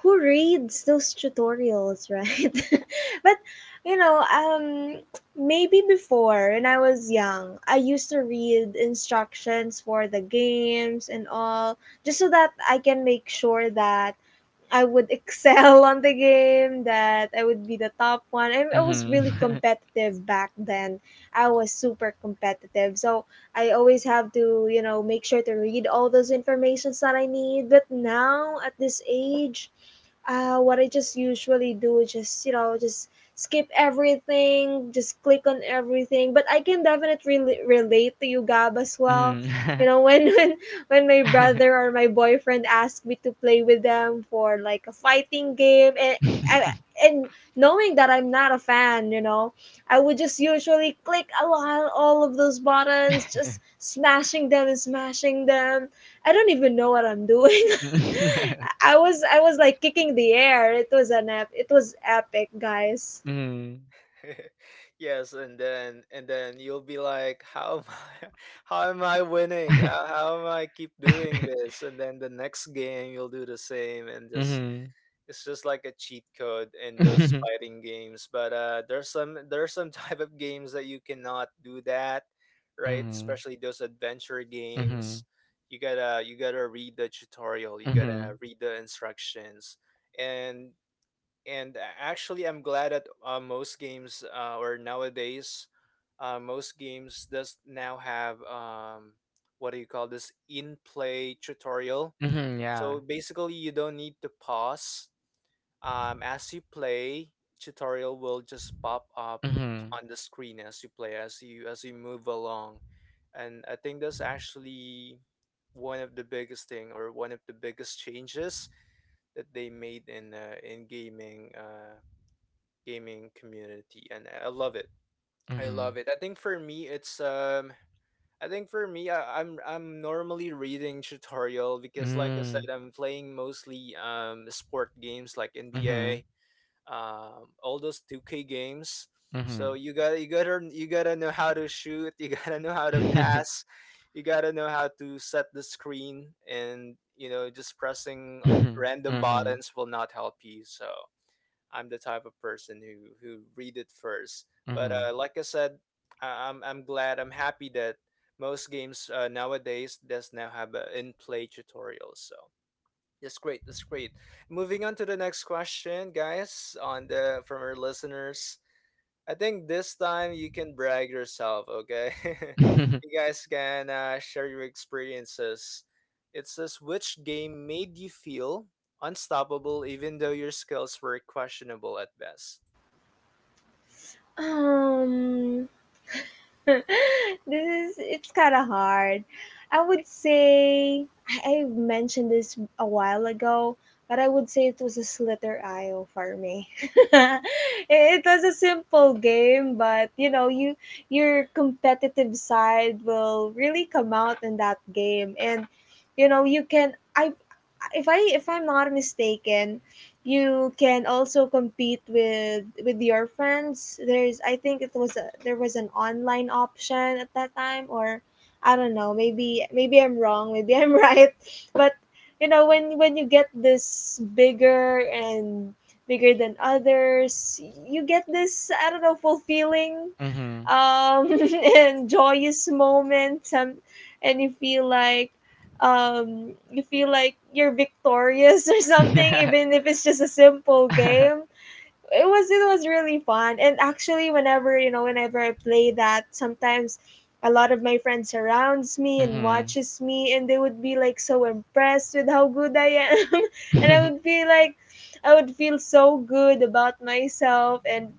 Speaker 2: who reads those tutorials, right? But, you know, maybe before, when I was young, I used to read instructions for the games and all, just so that I can make sure that I would excel on the game, that I would be the top one. I was really
Speaker 3: Mm-hmm.
Speaker 2: competitive back then. I was super competitive. So I always have to, you know, make sure to read all those informations that I need. But now at this age, what I just usually do is just, you know, just skip everything, just click on everything. But I can definitely relate to you, Gab, as well. You
Speaker 3: Mm-hmm.
Speaker 2: know, when when my brother or my boyfriend asked me to play with them for like a fighting game, And and knowing that I'm not a fan, you know, I would just usually click a lot all of those buttons, just smashing them and smashing them. I don't even know what I'm doing. I was like kicking the air. It was it was epic, guys.
Speaker 3: Mhm.
Speaker 1: Yes, and then you'll be like, how am I, how am I winning? how, how am I keep doing this? And then the next game you'll do the same, and just
Speaker 3: Mhm.
Speaker 1: it's just like a cheat code in those fighting games. But there's some, there's some type of games that you cannot do that, right?
Speaker 3: Mhm.
Speaker 1: Especially those adventure
Speaker 3: Mhm. Mhm.
Speaker 1: games. You gotta read the tutorial. You
Speaker 3: Mhm.
Speaker 1: gotta read the instructions. And and actually, I'm glad that, most games, or nowadays, most games does now have, what do you call this, in play tutorial.
Speaker 3: Mhm.
Speaker 1: So
Speaker 3: Yeah.
Speaker 1: basically you don't need to pause, as you play. Tutorial will just pop up
Speaker 3: Mhm.
Speaker 1: on the screen as you play, as you move along. And I think that's actually one of the biggest thing, or one of the biggest changes that they made in, in gaming, gaming community, and I love it. I
Speaker 3: Mhm.
Speaker 1: love it. I think for me it's, I think for me I'm normally reading tutorial, because like I said,
Speaker 3: Mm.
Speaker 1: I'm playing mostly, sport games like
Speaker 3: Mhm.
Speaker 1: NBA, all those 2K games. So
Speaker 3: Mhm.
Speaker 1: you gotta know how to shoot. You gotta know how to pass. You gotta know how to set the screen, and just pressing random
Speaker 3: Mhm.
Speaker 1: buttons will not help you. So I'm the type of person who read it first.
Speaker 3: Mhm.
Speaker 1: But
Speaker 3: Mhm.
Speaker 1: like I said, I'm glad, I'm happy that most games, nowadays, does now have an in-play tutorial. So that's great. That's great. Moving on to the next question, guys, on the from our listeners. I think this time you can brag yourself, okay? You guys can, share your experiences. It says, which game made you feel unstoppable even though your skills were questionable at best?
Speaker 2: Um, this is, it's kind of hard. I would say I mentioned this a while ago, but I would say it was a Slither IO for me. It was a simple game, but you know, you your competitive side will really come out in that game, and you know, you can, I if I'm not mistaken, you can also compete with your friends. There's, I think it was a, there was an online option at that time, or I don't know, maybe I'm wrong, maybe I'm right. But you know, when you get this bigger and bigger than others, you get this, I don't know, fulfilling
Speaker 3: Mhm.
Speaker 2: um and joyous moment, and you feel like you're victorious, or something. Even if it's just a simple game, it was really fun. And actually, whenever, you know, whenever I play that, sometimes a lot of my friends surrounds me and
Speaker 3: Mhm.
Speaker 2: watches me, and they would be like so impressed with how good I am, and I would be like, I would feel so good about myself, and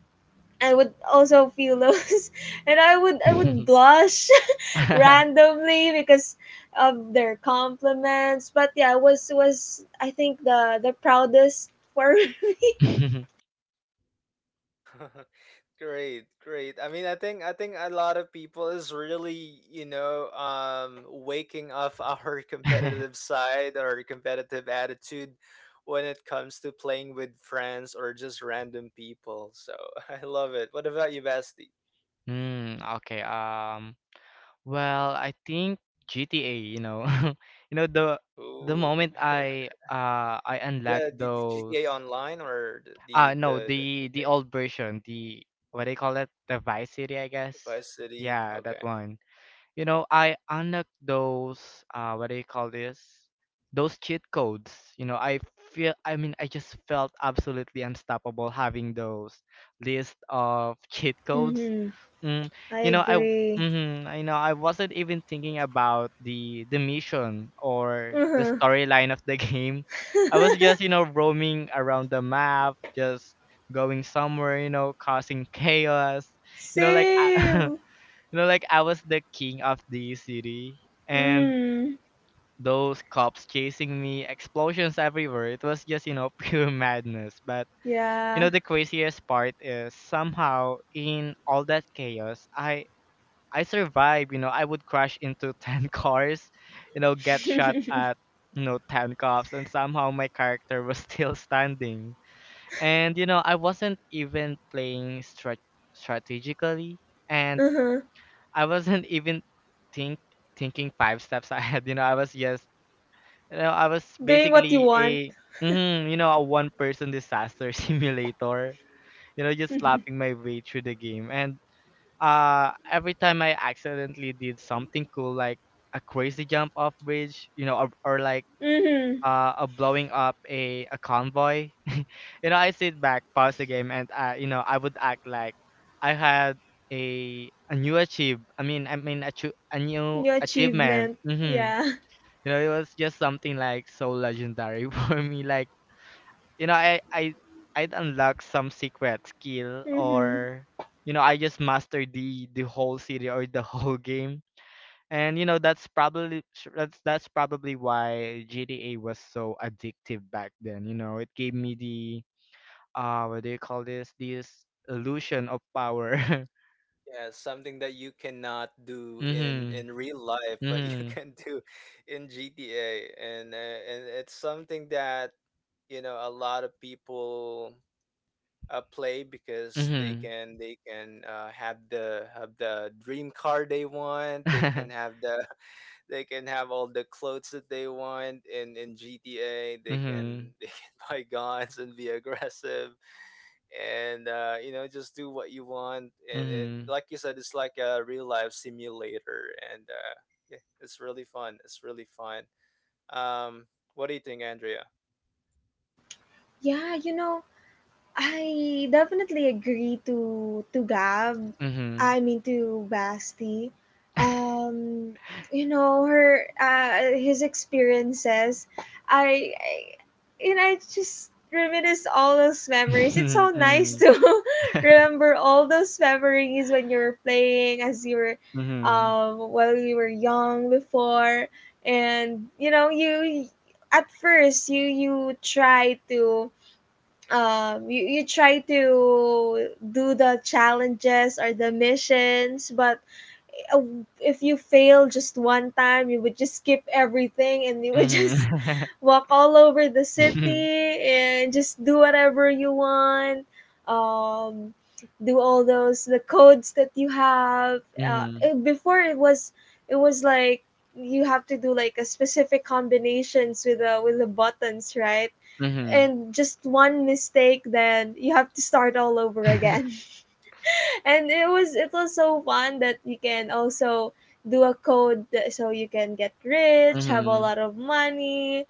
Speaker 2: I would also feel those, and I would blush randomly because of their compliments. But yeah, it was, I think the proudest for,
Speaker 3: Mhm.
Speaker 1: Great, great. I mean, I think a lot of people is really, waking up our competitive side or competitive attitude when it comes to playing with friends or just random people. So, I love it. What about you, Basti?
Speaker 3: Okay. Well, I think GTA, you know. The
Speaker 1: Ooh.
Speaker 3: moment I unlock
Speaker 1: The
Speaker 3: those
Speaker 1: GTA Online, or the the
Speaker 3: no,
Speaker 1: the, the
Speaker 3: the
Speaker 1: campaign?
Speaker 3: old version, the, what they call it, the Vice City, I guess.
Speaker 1: Vice City.
Speaker 3: Yeah, that
Speaker 1: Okay.
Speaker 3: one. I unlock those what do you call this? Those cheat codes. I feel, I mean, I just felt absolutely unstoppable having those list of cheat codes.
Speaker 2: hmm.
Speaker 3: Mm,
Speaker 2: I
Speaker 3: I
Speaker 2: agree.
Speaker 3: I know I wasn't even thinking about the mission or the
Speaker 2: Uh-huh.
Speaker 3: storyline of the game. I was just, roaming around the map, just going somewhere, causing chaos. Like I,
Speaker 2: Same.
Speaker 3: Like I was the king of the city, and
Speaker 2: Mm.
Speaker 3: those cops chasing me, explosions everywhere. It was just, pure madness. But
Speaker 2: Yeah.
Speaker 3: the craziest part is, somehow in all that chaos, I survived. I would crash into 10 cars, get shot
Speaker 2: Uh-huh.
Speaker 3: at 10 cops, and somehow my character was still standing. And I wasn't even playing strategically. And I wasn't even think thinking five steps ahead. I was just, I was
Speaker 2: Doing what you
Speaker 3: basically
Speaker 2: want.
Speaker 3: a, mhm, a one person disaster simulator. Just laughing my way through the game. And every time I accidentally did something cool, like a crazy jump off bridge, or like
Speaker 2: Mm-hmm.
Speaker 3: of blowing up a convoy, I sit back, pause the game, and I would act like I had a new achieve. I mean, a new
Speaker 2: Your
Speaker 3: achievement.
Speaker 2: achievement.
Speaker 3: Hmm.
Speaker 2: Yeah.
Speaker 3: It was just something like so legendary for me. Like, you know, I I I'd unlock some secret skill
Speaker 2: Mm-hmm.
Speaker 3: or I just mastered the whole city or the whole game. And that's probably why GTA was so addictive back then. It gave me the what do you call this? This illusion of power.
Speaker 1: Yeah, something that you cannot do in
Speaker 3: Mhm.
Speaker 1: in real life, but you
Speaker 3: Mhm.
Speaker 1: can do in GTA, and it's something that, a lot of people, play, because they
Speaker 3: Mhm.
Speaker 1: can they can have the, dream car they want. They can have the they can have all the clothes that they want in GTA. They
Speaker 3: Mhm.
Speaker 1: can they can buy guns and be aggressive, and just do what you want. And like you said, it's like a real life simulator, and yeah, it's really fun. It's really fun. Um, what do you think, Andrea?
Speaker 2: Yeah, you know, I definitely agree to Gab.
Speaker 3: Mhm. Mhm.
Speaker 2: I mean to Basti. Um, you know, her his experiences. I you know, I just reminisce all those memories. It's so nice
Speaker 3: Mhm.
Speaker 2: to remember all those memories when you were playing, as you were,
Speaker 3: Mhm.
Speaker 2: while you were young before, and you know, you at first you try to you try to do the challenges or the missions, but uh, if you fail just one time, you would just skip everything, and you would
Speaker 3: Mhm.
Speaker 2: just walk all over the city and just do whatever you want. Um, do all those the codes that you have. Before, it was like you have to do like a specific combinations with the buttons, right?
Speaker 3: Mhm. Mhm.
Speaker 2: And just one mistake, then you have to start all over again. And it was, so fun that you can also do a code that, so you can get rich, have a
Speaker 3: Mhm.
Speaker 2: lot of money,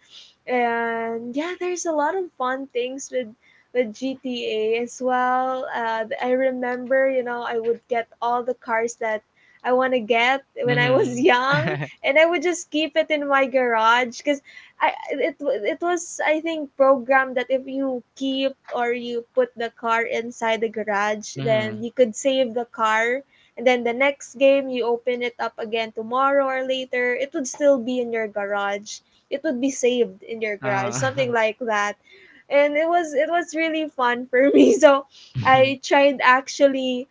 Speaker 2: and yeah, there's a lot of fun things with GTA as well. I remember, you know, I would get all the cars that I want to get when I was
Speaker 3: Mhm.
Speaker 2: young,
Speaker 3: Mhm.
Speaker 2: and I would just keep it in my garage because I, it was, I think, programmed that if you keep or you put the car inside the garage, then
Speaker 3: Mhm.
Speaker 2: you could save the car, and then the next game you open it up again tomorrow or later, it would still be in your garage. It would be saved in your garage, something
Speaker 3: Uh.
Speaker 2: like that. And it was, really fun for me. So
Speaker 3: Mhm.
Speaker 2: I tried actually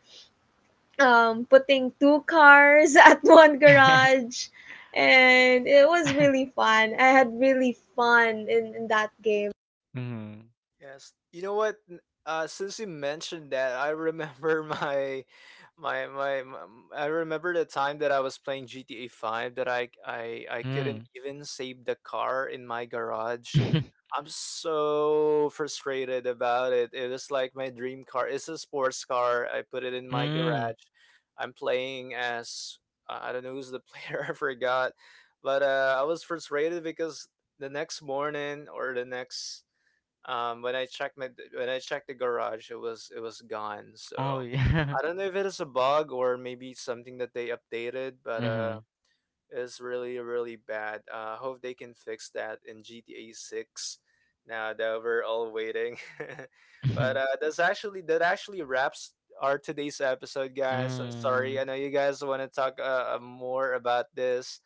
Speaker 2: putting two cars at one garage, and it was really fun. I had really fun in that game.
Speaker 3: Mhm.
Speaker 1: Yes. You know what? Since you mentioned that, I remember my, my, my, I remember the time that I was playing GTA Five, that I couldn't
Speaker 3: Mm.
Speaker 1: even save the car in my garage. I'm so frustrated about it. It was like my dream car. It's a sports car. I put it in my
Speaker 3: Mm.
Speaker 1: garage. I'm playing as, I don't know who's the player. I forgot, but I was frustrated because the next morning, or the next when I checked my, when I checked the garage, it was gone. So
Speaker 3: Oh, yeah.
Speaker 1: I don't know if it is a bug or maybe something that they updated, but
Speaker 3: Mhm.
Speaker 1: is really really bad. I, hope they can fix that in GTA Six. Now that we're all waiting. But
Speaker 3: Mhm.
Speaker 1: that actually wraps our today's episode, guys. I'm sorry.
Speaker 3: Mm.
Speaker 1: I know you guys want to talk, more about this,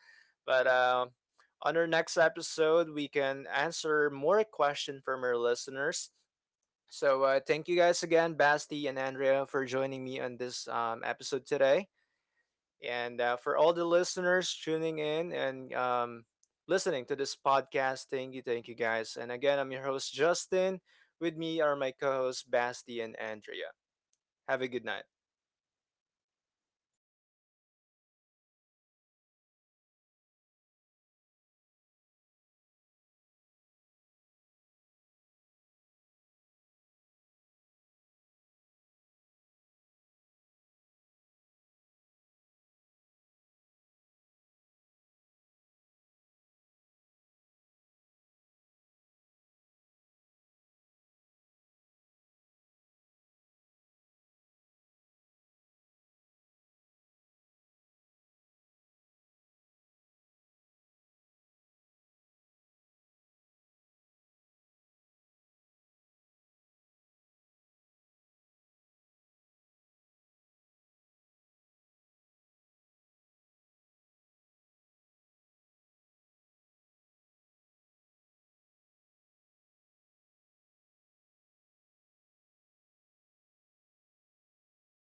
Speaker 1: but, on our next episode, we can answer more questions from our listeners. So thank you guys again, Basti and Andrea, for joining me on this, episode today. And for all the listeners tuning in and, listening to this podcast, thank you guys. And again, I'm your host, Justin. With me are my co hosts, Basti and Andrea. Have a good night.